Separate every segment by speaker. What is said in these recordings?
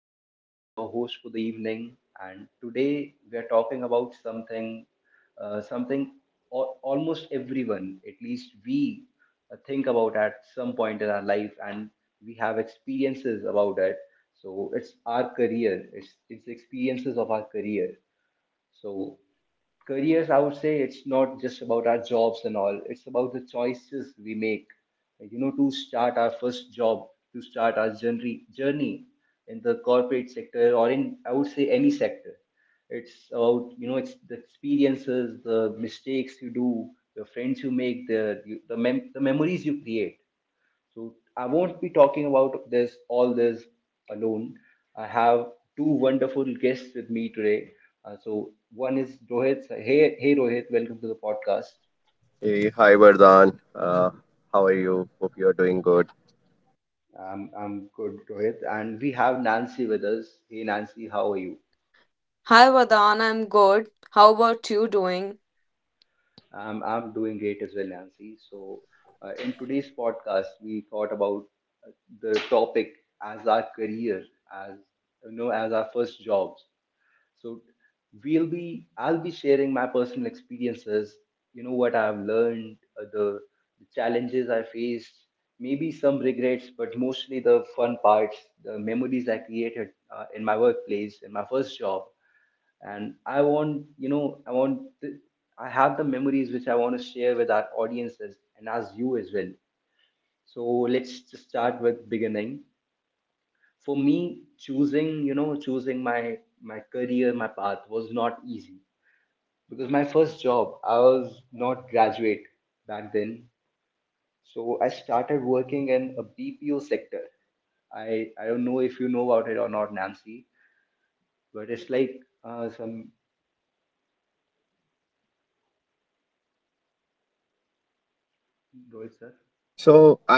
Speaker 1: I'm Vardhan, your host for the evening, and today we are talking about something, al- almost everyone, at least we think about at some point in our life, and we have experiences about it. So it's our career, it's the experiences of our career. So careers, I would say it's not just about our jobs and all. It's about the choices we make, like to start our first job, to start our journey in the corporate sector or in, I would say, any sector. It's about, you know, it's the experiences, the mistakes you do, the friends you make, the the memories you create. So I won't be talking about this all this alone. I have two wonderful guests with me today. So one is Rohit. So, hey, Rohit, welcome to the podcast.
Speaker 2: Hey, hi Vardhan. Uh, how are you? Hope you are doing good.
Speaker 1: I'm good, Rohit, and we have Nancy with us. Hey Nancy, how are you?
Speaker 3: Hi Vadan, I'm good. How about you doing?
Speaker 1: I'm doing great as well, Nancy. So in today's podcast, we thought about uh, the topic as our career, as, you know, as our first jobs. So we'll be I'll be sharing my personal experiences, you know, what I've learned, the challenges I faced, maybe some regrets, but mostly the fun parts, the memories I created in my workplace, in my first job. And I want, you know, I want th- I have the memories which I want to share with our audiences and as you as well. So let's just start with beginning. For me, choosing you know choosing my my career, my path was not easy because my first job, I was not graduate back then. So I started working in a BPO sector. I don't know if you know about it or not, Nancy, but it's like, some, Rohit sir.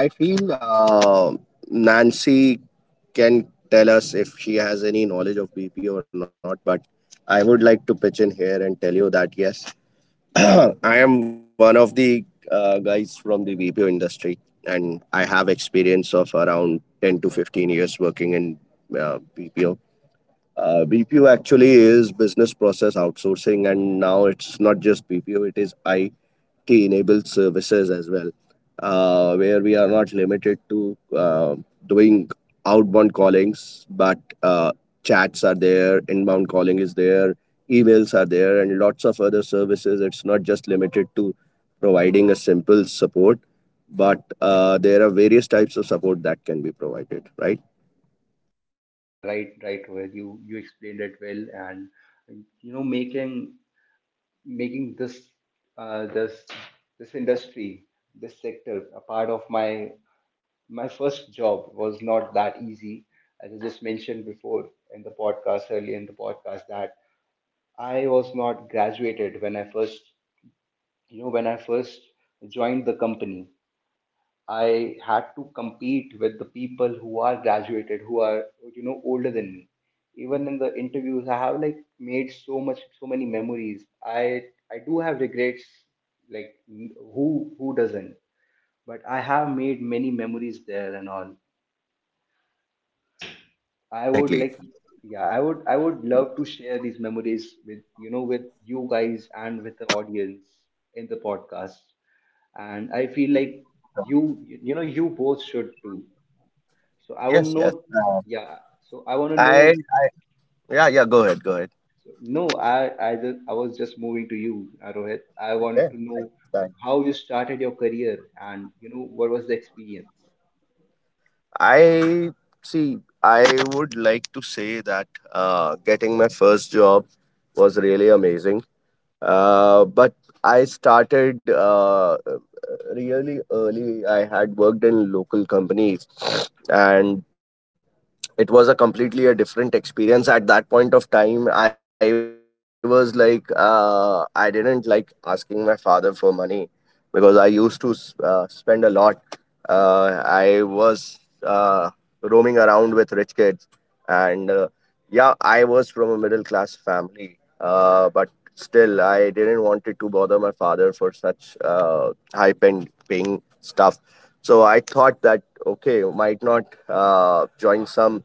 Speaker 2: So I feel Nancy can tell us if she has any knowledge of BP or not, but I would like to pitch in here and tell you that yes, I am one of the guys from the BPO industry, and I have experience of around 10-15 years working in BPO. BPO actually is business process outsourcing, and now it's not just BPO; it is I. enabled services as well, where we are not limited to doing outbound callings, but uh, chats are there, inbound calling is there, emails are there, and lots of other services. It's not just limited to providing a simple support, but there are various types of support that can be provided, right?
Speaker 1: Yeah, right, Rohit, you explained it well. And you know, making this uh, this this industry, this sector a part of my first job was not that easy. As I just mentioned before in the podcast, early in the podcast, that I was not graduated when I first, you know, when I first joined the company. I had to compete with the people who are graduated, who are, you know, older than me. Even in the interviews, I have like made so much, so many memories. I do have regrets, like who doesn't? But I have made many memories there and all. I would
Speaker 2: Definitely.
Speaker 1: like, yeah, I would love to share these memories with, you know, with you guys and with the audience in the podcast. And I feel like you know, you both should too. So I want to
Speaker 2: Yes, yes.
Speaker 1: know, yeah. So I want to
Speaker 2: I, I,
Speaker 1: know.
Speaker 2: yeah, yeah, go ahead, go ahead.
Speaker 1: So no, I was just moving to you, Rohit. I wanted to know
Speaker 2: Okay.
Speaker 1: how you started your career and you know what was the experience.
Speaker 2: I see. I would like to say that getting my first job was really amazing. But I started really early. I had worked in local companies, and it was a completely a different experience at that point of time. I was like I didn't like asking my father for money because I used to spend a lot. I Roaming around with rich kids and yeah, I was from a middle class family but still I didn't wanted to bother my father for such high paying stuff. So I thought that okay, might not join some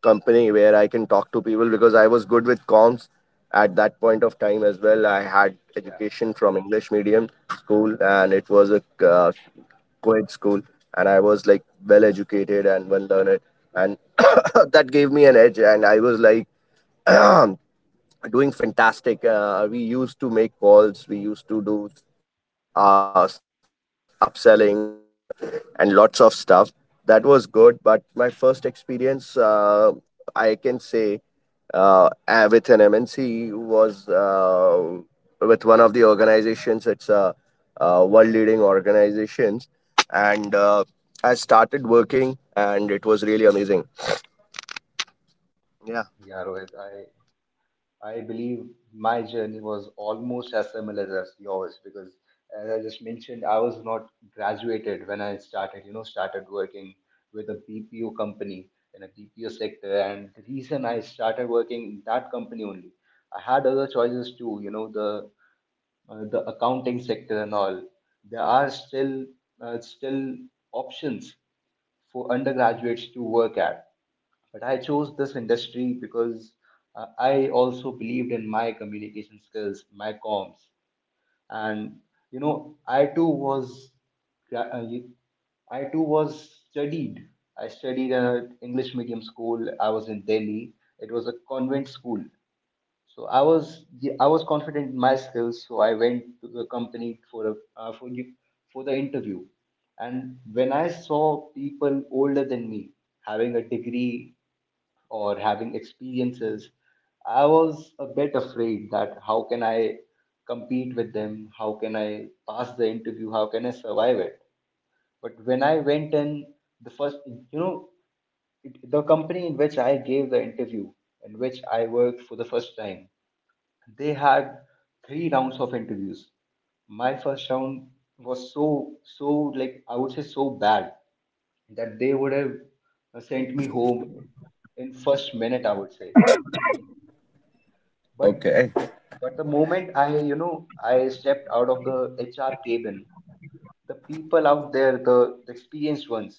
Speaker 2: company where I can talk to people because I was good with comms at that point of time as well. I had
Speaker 1: Yeah,
Speaker 2: education from English medium school, and it was a co-ed school, and I was like well educated and well learned, and that gave me an edge. And I was like doing fantastic. We used to make calls, we used to do upselling and lots of stuff. That was good, but my first experience, I can say, with an MNC was with one of the organizations. It's world leading organizations, and I started working, and it was really amazing.
Speaker 1: yeah,
Speaker 2: Yeah.
Speaker 1: Rohit. I believe my journey was almost as similar as yours because, as I just mentioned, I was not graduated when I started, you know, started working with a BPO company in a BPO sector. And the reason I started working in that company only, I had other choices too, you know, the accounting sector and all, there are still options for undergraduates to work at. But I chose this industry because I also believed in my communication skills, my comms. And you know, gra- uh, y- I too was studied. I studied at English medium school. I was in Delhi. It was a convent school. So I was confident in my skills, so I went to the company for for the interview. And when I saw people older than me having a degree or having experiences, I was a bit afraid that how can I compete with them? How can I pass the interview? How can I survive it? But when I went in, the first, you know, it, the company in which I gave the interview, in which I worked for the first time, they had three rounds of interviews. My first round was so, like I would say, so bad that they would have sent me home in
Speaker 2: Uh-huh.
Speaker 1: first minute, I would say. But the
Speaker 2: Okay.
Speaker 1: moment I, you know, I stepped out of the HR cabin, the people out there, the experienced ones,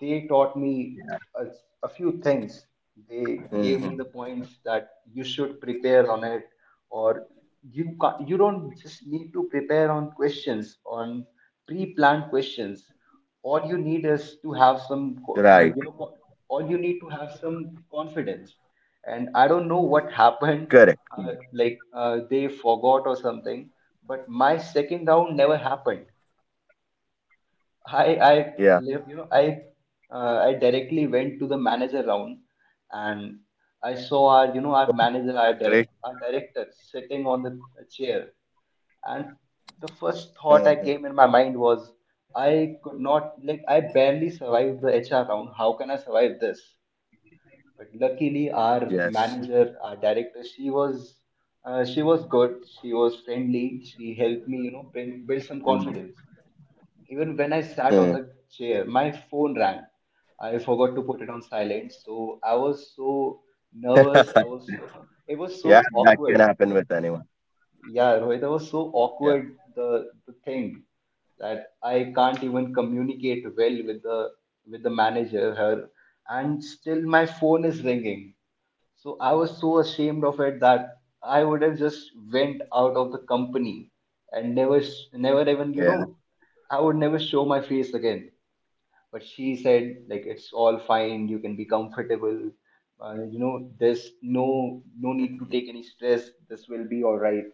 Speaker 1: they taught me a, a few things. They gave me the points that
Speaker 2: Hmm.
Speaker 1: you should prepare on it, or you can not, you don't just need to prepare on questions on pre-planned questions. All you need is to have some co-
Speaker 2: Right.
Speaker 1: you know co- all you need to have some confidence. And I don't know what happened.
Speaker 2: Correct.
Speaker 1: uh, like they forgot or something, but my second round never happened. I
Speaker 2: Yeah.
Speaker 1: live you know I directly went to the manager round. And I saw our you know our manager our, dir-
Speaker 2: Great.
Speaker 1: our director sitting on the chair. And the first thought I
Speaker 2: Hmm.
Speaker 1: came in my mind was, I could not, like I barely survived the HR round, how can I survive this? But luckily
Speaker 2: Yes.
Speaker 1: our director, she was good, she was friendly, she helped me, you know, build some confidence.
Speaker 2: Mm.
Speaker 1: Even when I sat on the
Speaker 2: Mm.
Speaker 1: chair, my phone rang. I forgot to put it on silent, so I was so nervous. I was so it was so awkward.
Speaker 2: Yeah, that can happen with anyone.
Speaker 1: Yeah, Rohit, it was so awkward,
Speaker 2: Yeah.
Speaker 1: the thing that I can't even communicate well with the manager her, and still my phone is ringing. So I was so ashamed of it that I would have just went out of the company and never, never even, you know, I would never
Speaker 2: Yeah.
Speaker 1: show my face again. But she said, like, it's all fine. You can be comfortable. You know, there's no need to take any stress. This will be all right.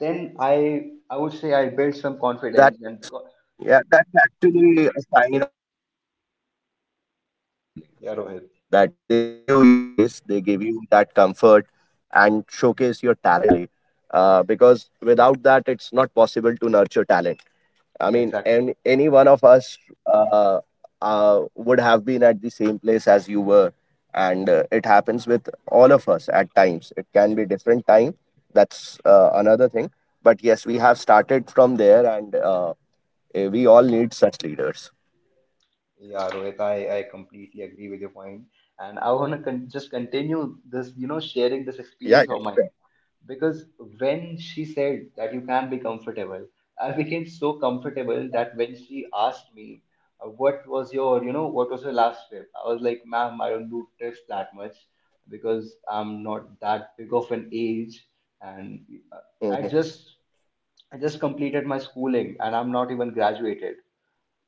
Speaker 1: Then I would say I built some
Speaker 2: That
Speaker 1: confidence. And because,
Speaker 2: Yeah, that's actually a sign of true leader. That's actually a sign of true leader.
Speaker 1: yeah, Rohit.
Speaker 2: That they give you your space, they give you that comfort and showcase your talent actually. Because without that it's not possible to nurture talent.
Speaker 1: Yeah, exactly.
Speaker 2: I mean, any one of us uh, been at the same place as you were. And it happens with all of us at times. It can be different time. That's another thing. But yes, we have started from there and we all need such leaders.
Speaker 1: Yeah, Rohit, I completely agree with your point. And I want to con- just continue this, you know, sharing this experience of
Speaker 2: Yeah, yeah,
Speaker 1: mine.
Speaker 2: sure.
Speaker 1: Because when she said that you can be comfortable, I became so comfortable that when she asked me, what was your, you know, what was your last trip? I was like, ma'am, I don't do trips that much because I'm not that big of an age. And uh, I just
Speaker 2: Mhm.
Speaker 1: I just completed my schooling and I'm not even graduated.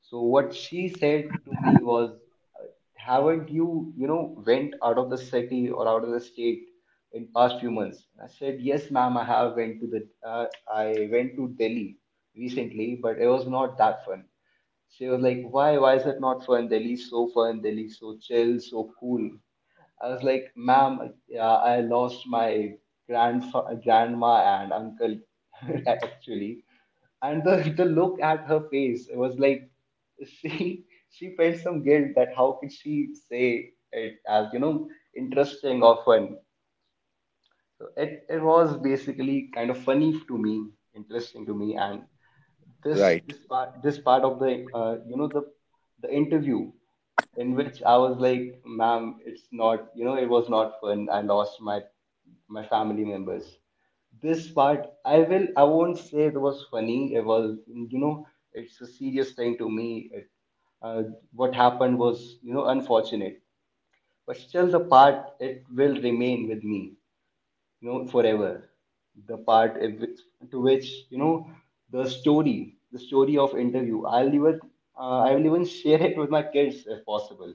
Speaker 1: So what she said to me was, uh, haven't you, you know, went out of the city or out of the state in past few months? I said, yes, ma'am, I have went to I went to Delhi recently, but it was not that fun. She was like, why is it not fun? Delhi's so fun. Delhi's so chill, so cool. I was like, ma'am, yeah, I lost my grandma and uncle actually. And the look at her face, it was like she felt some guilt that how could she say it as, you know, interesting or fun. So it was basically kind of funny to me, interesting to me, and this part of
Speaker 2: Right.
Speaker 1: the you know the interview in which I was like, ma'am, it's not, you know, it was not fun. I lost my my family members. This part I will, I won't say it was funny. It was, you know, it's a serious thing to me. Uh, what happened was, you know, unfortunate, but still the part it will remain with me, you know, forever. The part in which- to which you know the story, the story of interview I'll even I will even share it with my kids if possible.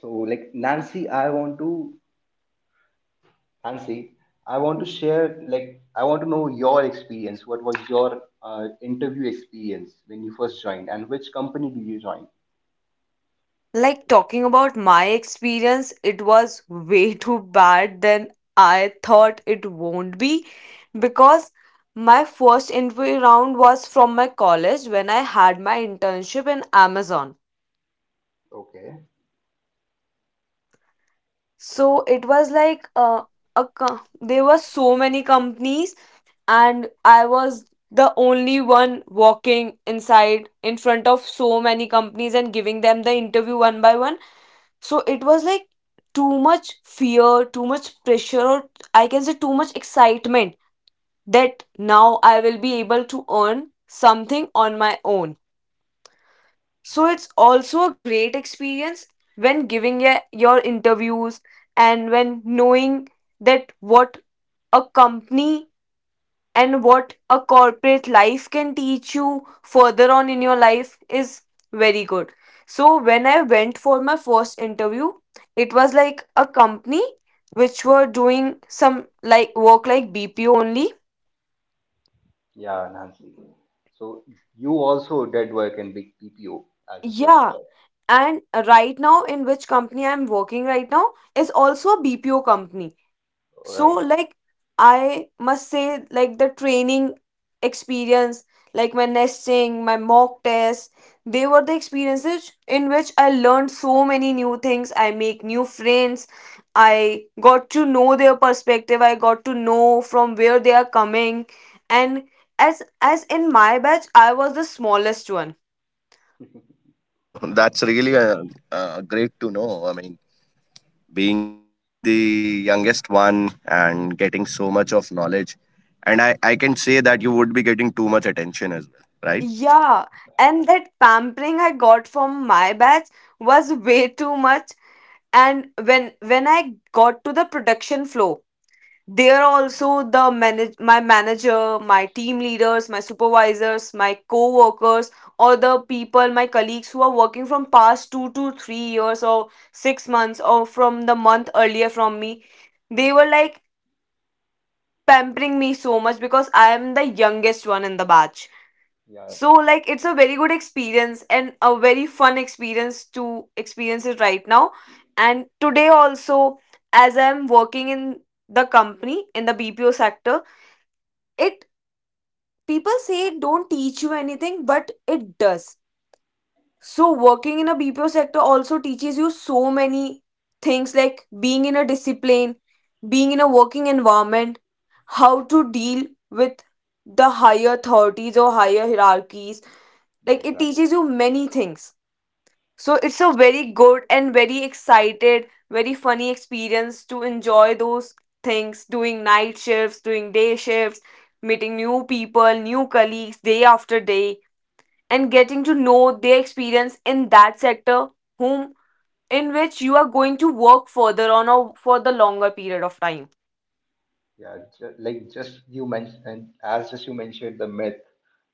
Speaker 1: So like, Nancy, I want to share, like, I want to know your experience. What was your interview experience when you first joined, and which company did you join?
Speaker 3: Like talking about my experience, it was way too bad than I thought it won't be, because my first interview round was from my college when I had my internship in Amazon.
Speaker 1: Okay.
Speaker 3: So it was like there were so many companies and I was the only one walking inside in front of so many companies and giving them the interview one by one. So it was like too much fear, too much pressure, or I can say too much excitement that now I will be able to earn something on my own. So
Speaker 1: Yeah,
Speaker 3: it's also a great experience when giving a, your interviews, and when knowing that what a company and what a corporate life can teach you further on in your life is very good. So when I went for my first interview, it was like a company which were doing some like work like BPO only.
Speaker 1: yeah, Nancy. So you also did work in big PPO as your first
Speaker 3: Yeah,
Speaker 1: job.
Speaker 3: and right now in which company I'm working right now is also a BPO company.
Speaker 1: All
Speaker 3: So
Speaker 1: right.
Speaker 3: like, I must say, like the training experience, like my nesting, my mock tests, they were the experiences in which I learned so many new things, I make new friends, I got to know their perspective, I got to know from where they are coming. And as in my batch I was the smallest one.
Speaker 2: Oh, that's really great to know. I mean, being the youngest one and getting so much of knowledge, and I can say that you would be getting too much attention as well, right?
Speaker 3: Yeah, and that pampering I got from my batch was way too much. And when I got to the production flow, there also the manage my manager, my team leaders, my supervisors, my co-workers, or the people, my colleagues, who are working from past 2 to 3 years or 6 months or from the month earlier from me, they were like pampering me so much because I am the youngest one in the batch.
Speaker 1: Yeah,
Speaker 3: So, like, it's a very good experience and a very fun experience to experience it right now. And today, also, as I'm working in the company in the BPO sector, it, people say it don't teach you anything, but it does. So, working in a BPO sector also teaches you so many things, like being in a discipline, being in a working environment, how to deal with the higher authorities or higher hierarchies.
Speaker 1: yeah,
Speaker 3: Like, it
Speaker 1: exactly.
Speaker 3: teaches you many things. So it's a very good
Speaker 2: Definitely.
Speaker 3: and very excited, very funny experience to enjoy those things, doing night shifts, doing day shifts, meeting new people, new colleagues day after day, and getting to know their experience in that sector, whom, in which you are going to work further on or for the longer period of time.
Speaker 1: Yeah, like just you mentioned, and as just you mentioned the myth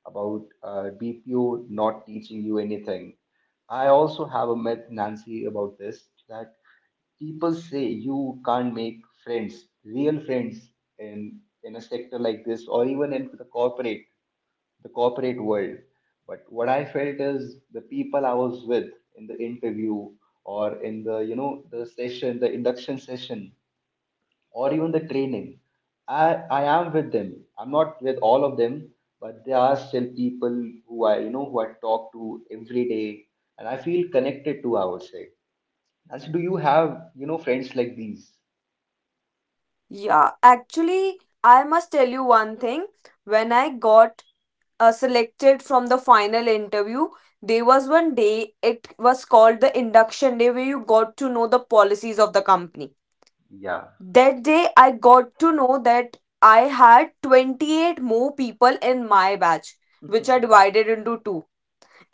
Speaker 1: about
Speaker 2: Like to
Speaker 1: BPO
Speaker 2: say
Speaker 1: not teaching you
Speaker 2: that
Speaker 1: anything.
Speaker 2: uh,
Speaker 1: I
Speaker 2: people
Speaker 1: also have
Speaker 2: might
Speaker 1: a myth,
Speaker 2: think
Speaker 1: Nancy,
Speaker 2: BPO
Speaker 1: about
Speaker 2: is
Speaker 1: this, that
Speaker 2: not the
Speaker 1: people
Speaker 2: right place
Speaker 1: say
Speaker 2: to work.
Speaker 1: you can't make friends, real friends, in a sector like this, or even in the corporate world. But what I felt is the people I was with in the interview, or in the, you know, the session, the induction session, or even the training. I am with them. I'm not with all of them, but there are still people who, I who I talk to every day, and I feel connected to, I would say. And so, do you have friends like these?
Speaker 3: Yeah, actually, I must tell you one thing. When I got selected from the final interview, there was one day, it was called the induction day, where you got to know the policies of the company.
Speaker 1: Yeah,
Speaker 3: That day I got to know that I had 28 more people in my batch, which are divided into two,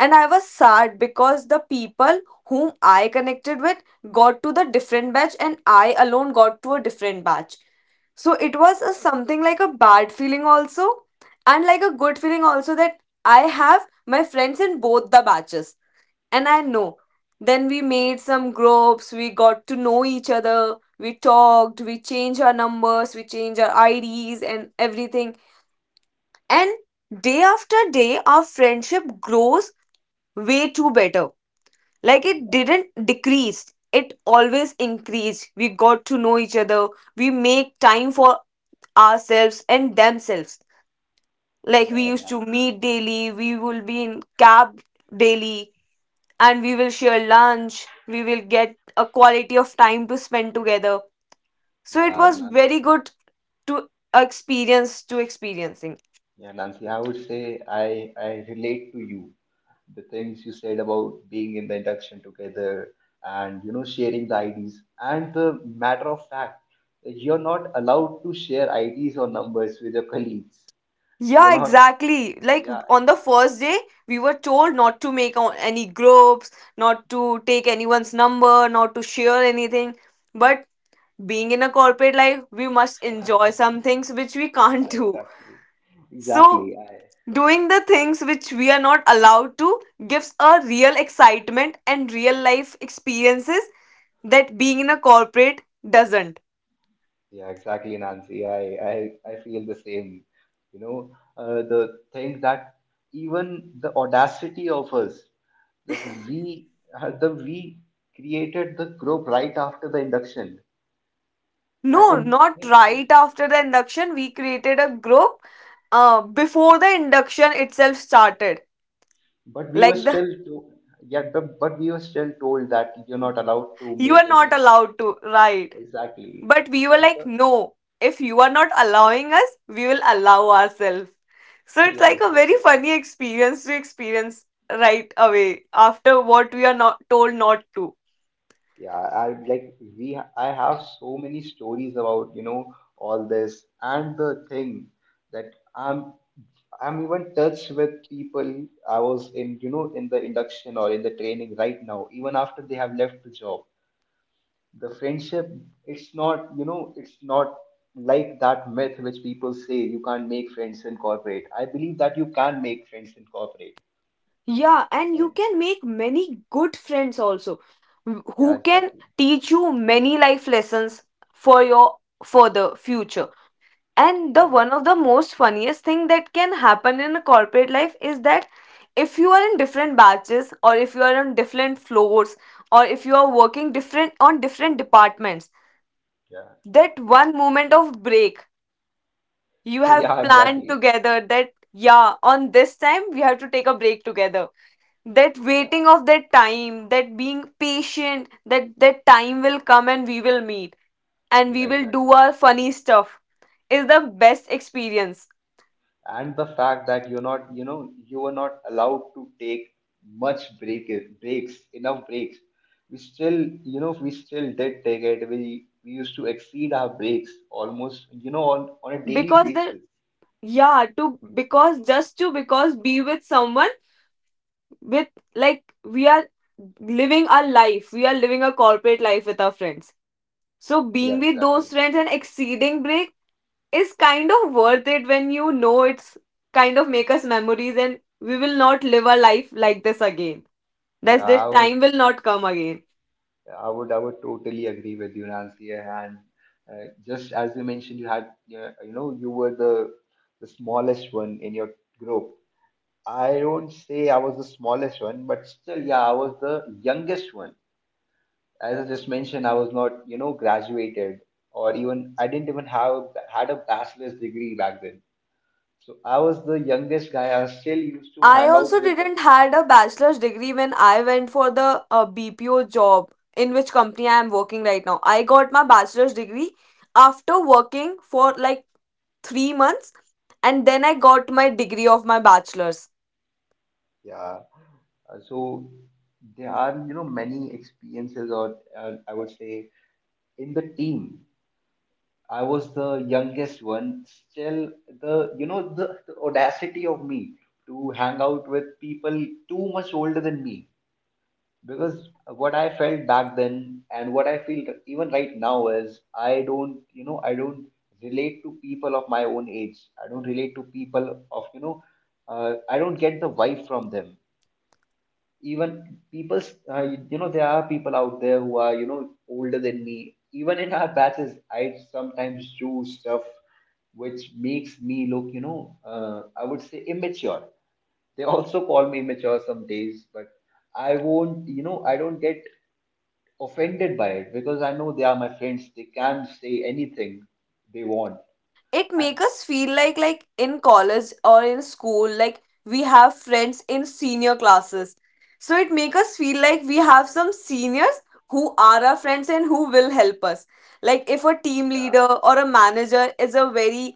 Speaker 3: and I was sad because the people whom I connected with got to the
Speaker 2: uh,
Speaker 3: different batch and I alone
Speaker 2: this
Speaker 3: got to a
Speaker 2: one.
Speaker 3: different batch. So it was a something like a bad feeling also and like a good feeling also, that I have my friends in both the batches, and I know. Then we made some groups, we got to know each other, we talked, we changed our numbers, we changed our IDs and everything. And day after day, our friendship grows way too better. Like, it didn't decrease, it always increased, we got to know each other, we make time for ourselves and themselves, like
Speaker 1: yeah,
Speaker 3: we used
Speaker 1: Nan-
Speaker 3: to meet daily, we will be in cab daily, and we will share lunch, we will get a quality of time to spend together. So it
Speaker 1: yeah.
Speaker 3: was very good to experience to experiencing.
Speaker 1: Yeah, Nancy, I would say I relate to you. The things you said about being in the induction together and you know sharing the IDs and the matter of fact, you're not allowed to share IDs or numbers with your colleagues. You're
Speaker 3: Yeah,
Speaker 1: not.
Speaker 3: exactly. Like
Speaker 1: Yeah,
Speaker 3: on the first day, we were told not to any groups, not to take anyone's number, not to share anything. But being in a corporate life, we must enjoy some things which we can't do.
Speaker 1: exactly,
Speaker 3: So,
Speaker 1: exactly. I...
Speaker 3: doing the things which we are not allowed to gives a real excitement and real life experiences that being in a corporate doesn't.
Speaker 1: Yeah, exactly, Nancy. I feel the same. You know, the thing that even the audacity of us that we we created the group right after the induction,
Speaker 3: No,
Speaker 1: and,
Speaker 3: not
Speaker 1: and
Speaker 3: right after the induction. We created a group before the induction itself started.
Speaker 1: but we were
Speaker 3: Like, the
Speaker 1: still to, yeah, but we were still told that you're not allowed to
Speaker 3: you
Speaker 1: make
Speaker 3: are not
Speaker 1: any...
Speaker 3: allowed to, right.
Speaker 1: exactly.
Speaker 3: But we were
Speaker 1: the,
Speaker 3: like,
Speaker 1: the
Speaker 3: no, if you are not allowing us, we will allow ourselves. So it's
Speaker 1: yeah,
Speaker 3: like a very
Speaker 1: exactly.
Speaker 3: funny experience to experience right away after what we are not told not to.
Speaker 1: Yeah, I like we I have so many stories about, you know, all this and the thing that I'm even touched with people I was in, you know, in the induction or in the training right now, even after they have left the job. The friendship, it's not, you know, it's not like that myth which people say you can't make friends in corporate. I believe that you can make friends in corporate.
Speaker 3: Yeah, and you
Speaker 1: And
Speaker 3: can make many good friends also
Speaker 1: yeah,
Speaker 3: who can
Speaker 1: exactly.
Speaker 3: teach you many life lessons for your, for the future. And the
Speaker 1: Yeah,
Speaker 3: one of the most funniest thing that can happen in a corporate life is that if you are in different batches or if you are on different floors or if you are working different on different departments,
Speaker 1: yeah.
Speaker 3: that one moment of break you have
Speaker 1: Yeah,
Speaker 3: planned
Speaker 1: exactly.
Speaker 3: together, that yeah, on this time we have to take a break together, that
Speaker 1: Yeah,
Speaker 3: waiting of that time, that being patient, that time will come and we will meet and we
Speaker 1: yeah,
Speaker 3: will do
Speaker 1: exactly.
Speaker 3: our funny stuff is the best experience.
Speaker 1: And the fact that you're not, you know, you were not allowed to take much breaks, enough breaks, we still, you know, we still did take it. We used to exceed our breaks almost, you know, on a daily
Speaker 3: Because the
Speaker 1: basis.
Speaker 3: Yeah, to because just to because be with someone, with, like we are living our life, we are living a corporate life with our friends. So being
Speaker 1: Yeah,
Speaker 3: with those
Speaker 1: exactly.
Speaker 3: friends and exceeding break is kind of worth it, when you know it's kind of make us memories, and we will not live a life like this again. That's,
Speaker 1: yeah
Speaker 3: this
Speaker 1: i would
Speaker 3: time will not come again.
Speaker 1: i would I would totally agree with you, Nancy. And just as you mentioned, you had you know, you were the smallest one in your group. I don't say I was the smallest one, but still, yeah, I was the youngest one. As I just mentioned, I was not, you know, graduated, or even I didn't even have had a bachelor's degree back then. So I was the youngest guy. I still used to
Speaker 3: I
Speaker 1: hang out
Speaker 3: also
Speaker 1: with the...
Speaker 3: didn't had a bachelor's degree when I went for the BPO job in which company I am working right now. I got my bachelor's degree after working for like 3 months, and then I got my degree of my bachelor's.
Speaker 1: yeah. So there are, you know, many experiences, or I would say in the team, I was the youngest one. Still, the you know the audacity of me to hang out with people too much older than me, because what I felt back then and what I feel even right now is I don't relate to people of my own age. I don't relate to people of, you know, I don't get the vibe from them. Even people, uh, you know, there are people out there who are, you know, older than me. Even in our batches, I sometimes do stuff which makes me look, you know, I would say immature. They also call me immature some days, but I won't, you know, I don't get offended by it, because I know they are my friends. They can say anything they want.
Speaker 3: It
Speaker 1: And
Speaker 3: make us feel like in college or in school, like we have friends in senior classes, so it make us feel like we have some seniors who are our friends and who will help us, like if a team leader or a manager is a very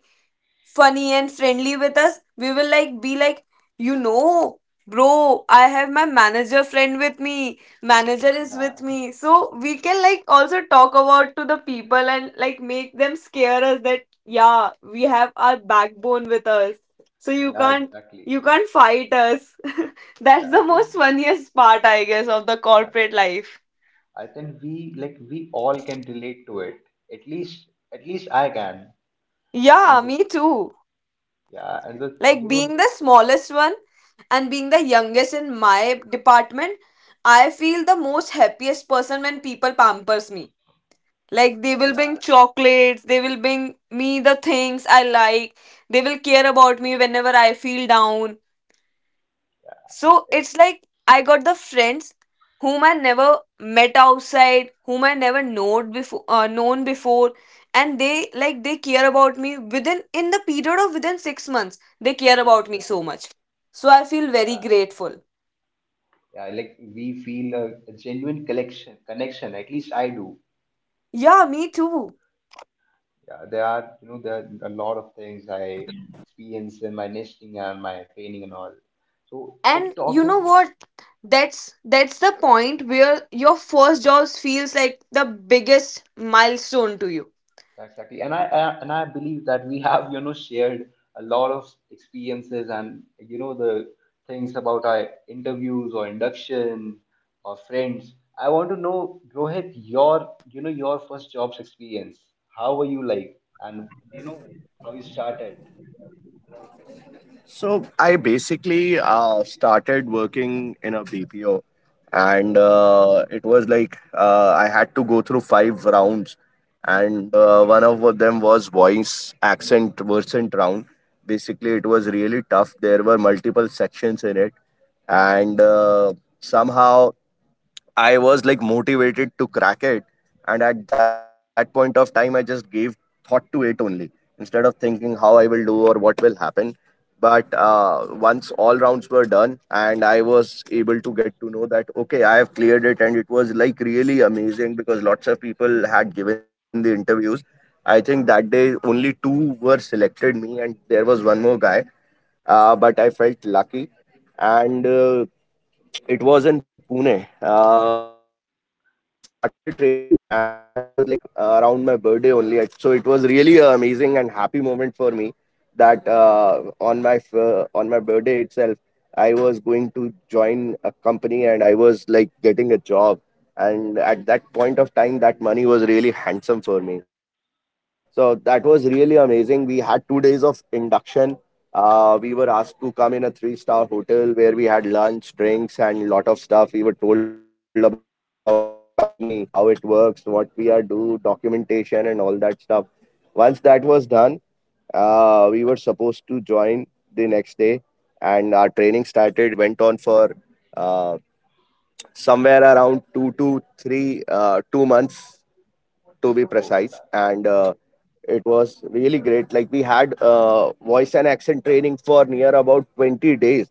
Speaker 3: funny and friendly with us, we will like be like, you know, bro, I have my manager friend with me, manager is with
Speaker 1: yeah,
Speaker 3: me, so we can like also talk about to the people and like make them scare us, that yeah, we have our backbone with us. So you
Speaker 1: yeah,
Speaker 3: can't, you
Speaker 1: exactly.
Speaker 3: can't fight us.
Speaker 1: Yeah,
Speaker 3: That's
Speaker 1: I
Speaker 3: the
Speaker 1: think...
Speaker 3: most funniest part, I guess, of the
Speaker 1: yeah,
Speaker 3: corporate life.
Speaker 1: I think we like we all can relate to it. At least, at least I can.
Speaker 3: Yeah,
Speaker 1: And
Speaker 3: me too.
Speaker 1: yeah, and the
Speaker 3: Like
Speaker 1: you know the
Speaker 3: being the smallest one and being the youngest in my department, I feel the most happiest person when people pampers me. Like they will bring
Speaker 1: yeah,
Speaker 3: chocolates, they will bring me the things I like, they will care about me whenever I feel down. So
Speaker 1: it's...
Speaker 3: it's like I got the friends whom I never met outside, whom I never known before, and they like they care about me within, in the period of within 6 months. They care
Speaker 1: yeah,
Speaker 3: about me so
Speaker 1: exactly.
Speaker 3: much, so I feel very
Speaker 1: Yeah,
Speaker 3: grateful.
Speaker 1: yeah, like we feel a genuine connection. At least I do.
Speaker 3: Yeah, me too.
Speaker 1: Yeah, there are, you know, there are a lot of things I experience in my nesting and my training and all. So, like,
Speaker 3: And you know
Speaker 1: talking,
Speaker 3: what? That's the point where your first job feels like the biggest milestone to you.
Speaker 1: exactly. And I and I believe that we have, you know, shared a lot of experiences and, you know, the things about our interviews or induction or friends. I want to know, Rohit, your, you know, your first job's experience. How were you like? And, you know, how you started?
Speaker 2: So I basically started working in a BPO, and it was like I had to go through five rounds, and one of them was voice accent versant round. Basically, it was really tough. There were multiple sections in it, and somehow I was like motivated to crack it. And at that point of time, I just gave thought to it only instead of thinking how I will do or what will happen. But once all rounds were done, and I was able to get to know that, okay, I have cleared it. And it was like really amazing because lots of people had given the interviews. I think that day only two were selected, me, and there was one more guy, but I felt lucky. And it was in Pune. We started training, and it was like around my birthday only. So it was really an amazing and happy moment for me that on my on my birthday itself, I was going to join a company, and I was like getting a job. And at that point of time, that money was really handsome for me. So that was really amazing. We had 2 days of induction. We were asked to come in a three-star hotel where we had lunch, drinks, and lot of stuff. We were told about company, how it works, what we are do, documentation, and all that stuff. Once that was done, we were supposed to join the next day, and our training started. It went on for uh, somewhere around two to three, to be precise.
Speaker 1: Oh, that,
Speaker 2: And it was really great. Like we had voice and accent training for near about 20 days.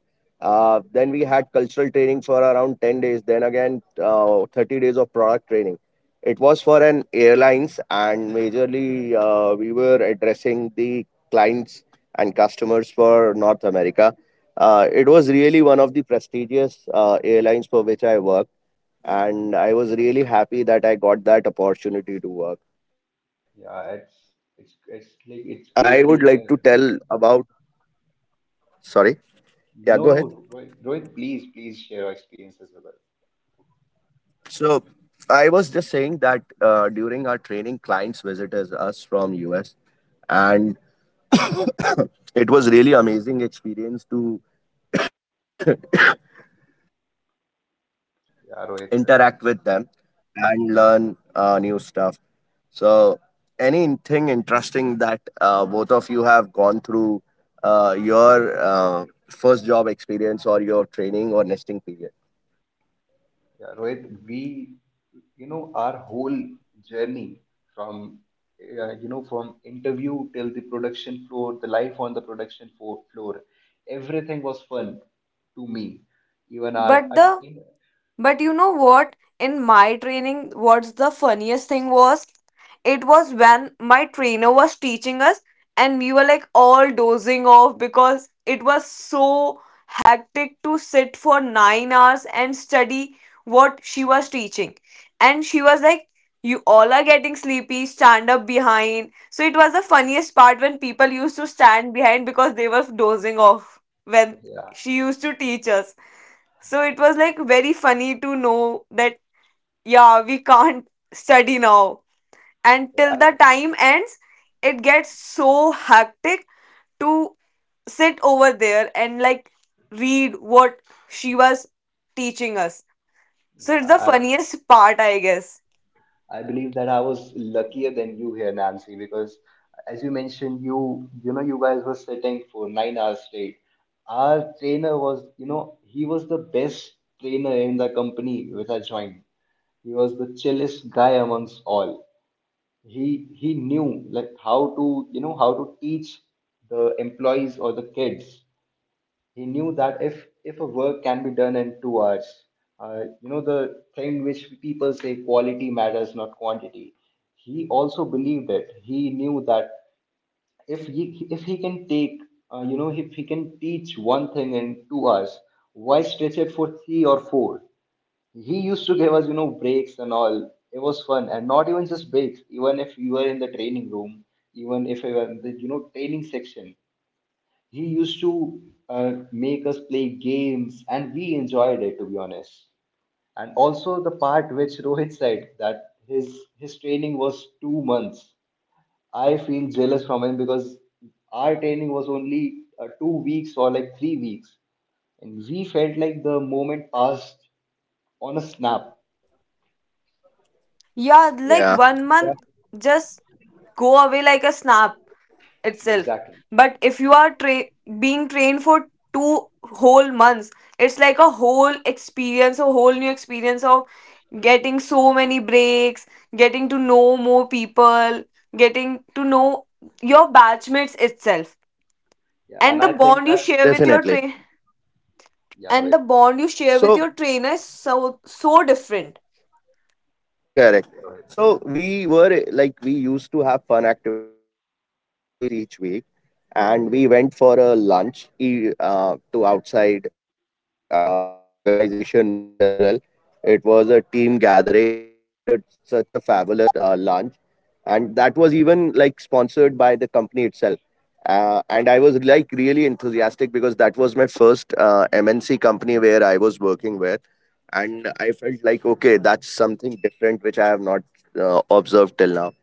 Speaker 2: Then we had cultural training for around 10. Then again, 30 days of product training. It was for an airlines and majorly we were addressing the clients and customers for North America. It was really one of the prestigious airlines for which I worked, and I was really happy that I got that opportunity to work. Uh,
Speaker 1: yeah, it's
Speaker 2: I
Speaker 1: like
Speaker 2: mean,
Speaker 1: it's
Speaker 2: I
Speaker 1: great
Speaker 2: would
Speaker 1: to
Speaker 2: like to
Speaker 1: hear.
Speaker 2: tell about. Sorry.
Speaker 1: No,
Speaker 2: Yeah, go
Speaker 1: no,
Speaker 2: ahead.
Speaker 1: Rohit, Rohit, please, please share your experiences with us.
Speaker 2: So I was just saying that during our training, clients visited us US, and it was really amazing experience to
Speaker 1: Yeah, Rohit, uh,
Speaker 2: interact with them and learn new stuff. So, anything interesting that both of you have gone through your first job experience or your training or nesting period?
Speaker 1: yeah, Rohit, we, you know, our whole journey from, you know, from interview till the production floor, the life on the production floor, everything was fun to me. Even our,
Speaker 3: But
Speaker 1: I,
Speaker 3: the
Speaker 1: yeah,
Speaker 3: But you know what? In my training, what's the funniest thing was? It was when my trainer was teaching us and we were like all dozing off because it was so hectic to sit for 9 hours and study what she was teaching. And she was like, you all are getting sleepy, stand up behind. So it was the funniest part when people used to stand behind because they were dozing off when she used to teach us. So it was like very funny to know that, yeah, we can't study now. And
Speaker 1: yeah,
Speaker 3: till
Speaker 1: I,
Speaker 3: the time ends, it gets so hectic to sit over there and like read what she was teaching us. So it's
Speaker 1: yeah,
Speaker 3: the
Speaker 1: I.
Speaker 3: funniest part, I
Speaker 2: Yeah,
Speaker 3: guess.
Speaker 1: I believe that I was luckier than you here, Nancy, because as you mentioned, you know you guys were sitting for 9 hours straight. Our trainer was, you know, he was the best trainer in the company with I joined. He was the chillest guy amongst all. He knew, like, how to, you know, how to teach the employees or the kids. He knew that if a work can be done in 2 hours, you know, the thing which people say quality matters, not quantity. He also believed it. He knew that if he can take, you know, if he can teach one thing in 2 hours, why stretch it for 3 or 4? He used to give us, you know, breaks and all. It was fun, and not even just breaks. Even if you were in the training room, even if you were in the, you know, training section, he used to make us play games, and we enjoyed it, to be honest. And also the part which Rohit said that his training was 2 months. I feel jealous from him, because our training was only 2 weeks or like 3 weeks, and we felt like the moment passed on a snap.
Speaker 3: Yeah, like 1 month
Speaker 2: yeah,
Speaker 3: just go away like a snap itself.
Speaker 1: Exactly.
Speaker 3: But if you are being trained for 2 whole months, it's like a whole experience, a whole new experience of getting so many breaks, getting to know more people, getting to know your batchmates itself.
Speaker 1: Yeah,
Speaker 3: And
Speaker 1: and
Speaker 3: the
Speaker 1: I think
Speaker 3: bond you
Speaker 1: that...
Speaker 3: share with your train
Speaker 2: definitely.
Speaker 1: yeah,
Speaker 3: and the
Speaker 1: Rohit.
Speaker 3: bond you share with your trainer is
Speaker 2: So,
Speaker 3: so so different.
Speaker 1: Yeah, Rohit.
Speaker 2: correct. So, we were like, we used to have fun activities each week, and we went for a lunch to outside the organization once as well. It was a team gathering, and we had a, such a fabulous lunch, and that was even like sponsored by the company itself, and I was like really enthusiastic because that was my first MNC company where I was working with, and I felt like okay, that's something different which I have not observed till now.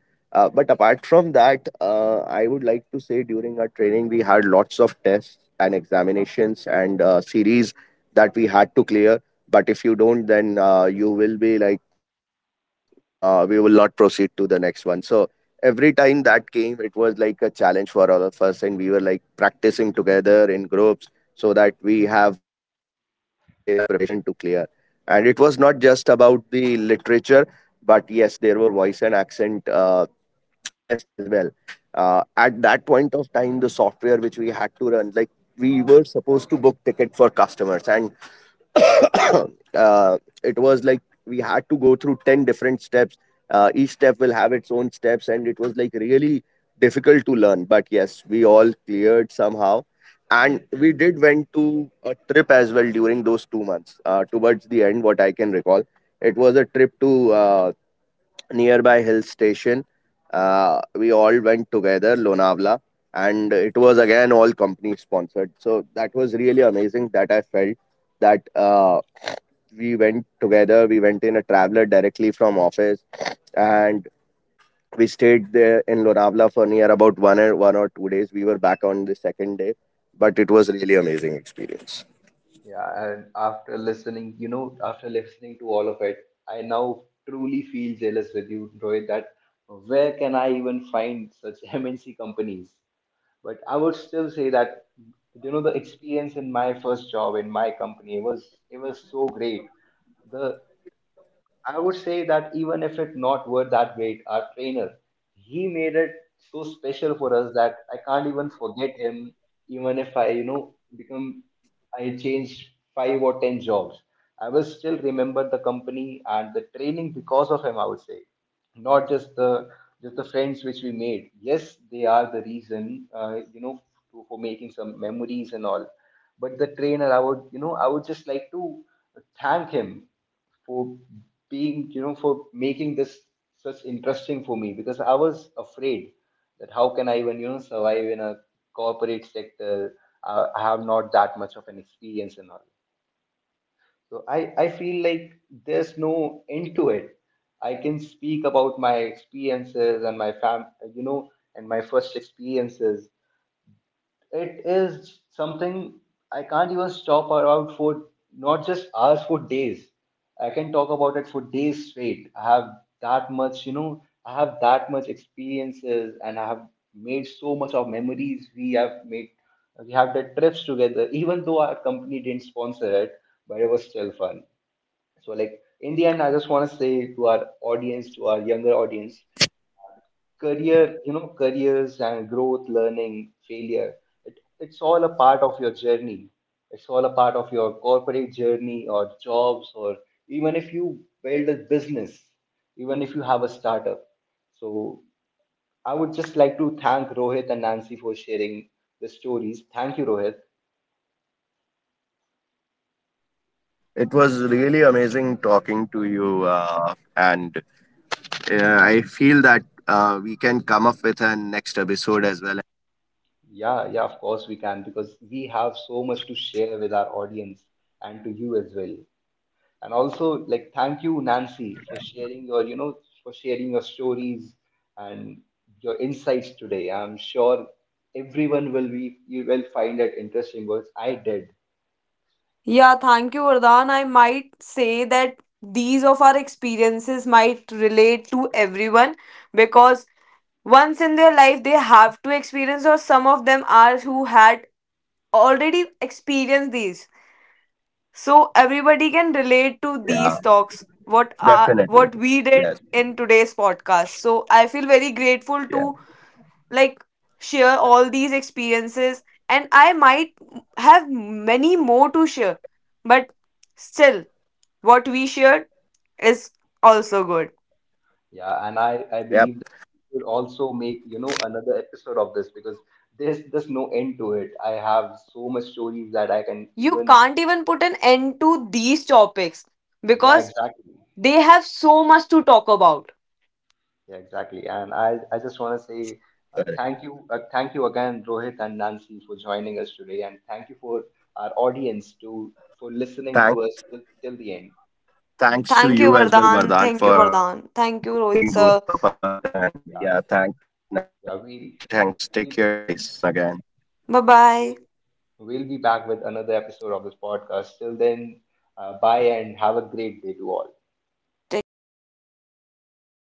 Speaker 2: But apart from that, I would like to say during our training we had lots of tests and examinations and series that we had to clear. But if you don't, then you will be like, no, we will not proceed to the next one. So every time that came it was like a challenge for all of us, and we were like practicing together in groups so that we have good enough preparation to clear. And it was not just about the literature, but yes, there were voice and accent tests as well. At that point of time, the software which we had to run, like we were supposed to book ticket for customers, and uh, it was like we different steps. Each step will have its own steps, and it was like really difficult to learn, but yes, we all cleared somehow. And we did went to a trip as well during those 2 months towards the end. What I can recall, it was a trip to nearby hill station. We all went together, Lonavala, and it was again all company sponsored. So that was really amazing, that I felt that we went together. We went in a traveler directly from office, and we stayed there in Lonavala for near about one or two days. We were back on the second day, but it was really amazing experience.
Speaker 1: Yeah, and after listening, you know, after listening to all of it, I now truly feel jealous with you, Rohit, that where can I even find such MNC companies? But I would still say that, you know, the experience in my first job in my company was... it was so great. The... I would say that even if it not were that great, our trainer, he made it so special for us that I can't even forget him. Even if I, you know, become, I changed 5 or 10 jobs, I will still remember the company and the training because of him. I would say, not just the friends which we made. Yes, they are the reason, you know, to, for making some memories and all. But the trainer, I would, you know, I would just like to thank him for being, you know, for making this such interesting for me, because I was afraid that how can I even, you know, survive in a corporate sector. I have not that much of an experience and all. So I feel like there's no end to it. I can speak about my experiences and my fam, you know, and my first experiences. It is something I can't even stop about for not just hours, for days. I can talk about it for days straight. I have that much, you know, I have that much experiences, and I have made so much of memories. We have made, we have the trips together, even though our company didn't sponsor it, but it was still fun. So, like, in the end, I just want to say to our audience, to our younger audience, career, you know, careers and growth, learning, failure. It's all a part of your journey. It's all a part of your corporate journey or jobs, or even if you build a business, even if you have a startup. So I would just like to thank Rohit and Nancy for sharing the stories. Thank you, Rohit.
Speaker 2: It was really amazing talking to you, and I feel that we can come up with a next episode as well.
Speaker 1: Yeah, yeah, of course we can, because we have so much to share with our audience and to you as well. And also, like, thank you, Nancy, for sharing your, you know, for sharing your stories and your insights today. I'm sure everyone will be, you will find it interesting as I did.
Speaker 4: Yeah, thank you, Vardhan. I might say that these of our experiences might relate to everyone because once in their life they have to experience, or some of them are who had already experienced these. So everybody can
Speaker 2: Yeah,
Speaker 4: relate to these talks. What
Speaker 2: definitely.
Speaker 4: are
Speaker 2: Yes.
Speaker 4: what we did in today's podcast. So I feel very
Speaker 2: Yeah.
Speaker 4: grateful to like share all these experiences, and I might have many more to share, but still what we shared is also good.
Speaker 1: Yeah,
Speaker 2: Yep.
Speaker 1: and I believe that we'll also make, you know, another episode of this, because there's no end to it. I have so much stories that I can
Speaker 4: You
Speaker 1: even...
Speaker 4: can't even put an end to these topics
Speaker 1: yeah,
Speaker 4: because
Speaker 1: exactly.
Speaker 4: they have so much to talk about.
Speaker 1: Yeah, exactly. And
Speaker 2: Correct.
Speaker 1: I just want to
Speaker 2: Correct.
Speaker 1: say thank you again, Rohit and Nancy, for joining us today, and thank you for our audience
Speaker 2: Thanks.
Speaker 1: to... for listening to us till, till the end.
Speaker 2: Thanks to you as well,
Speaker 4: Thank
Speaker 1: And
Speaker 2: Vardhan,
Speaker 4: you,
Speaker 2: for
Speaker 4: Vardhan.
Speaker 2: calling
Speaker 4: Thank you,
Speaker 2: both of us.
Speaker 4: Vardhan.
Speaker 2: And
Speaker 4: Thank you,
Speaker 2: yeah,
Speaker 4: Rohit
Speaker 2: thanks,
Speaker 4: sir.
Speaker 2: Nancy.
Speaker 1: yeah,
Speaker 2: Thanks. Take care, guys. See you
Speaker 1: yeah,
Speaker 2: soon again.
Speaker 1: we
Speaker 4: Bye bye.
Speaker 1: we'll, we'll be back with another episode of this podcast. Till then, bye, and have a great day to all.
Speaker 4: Take care.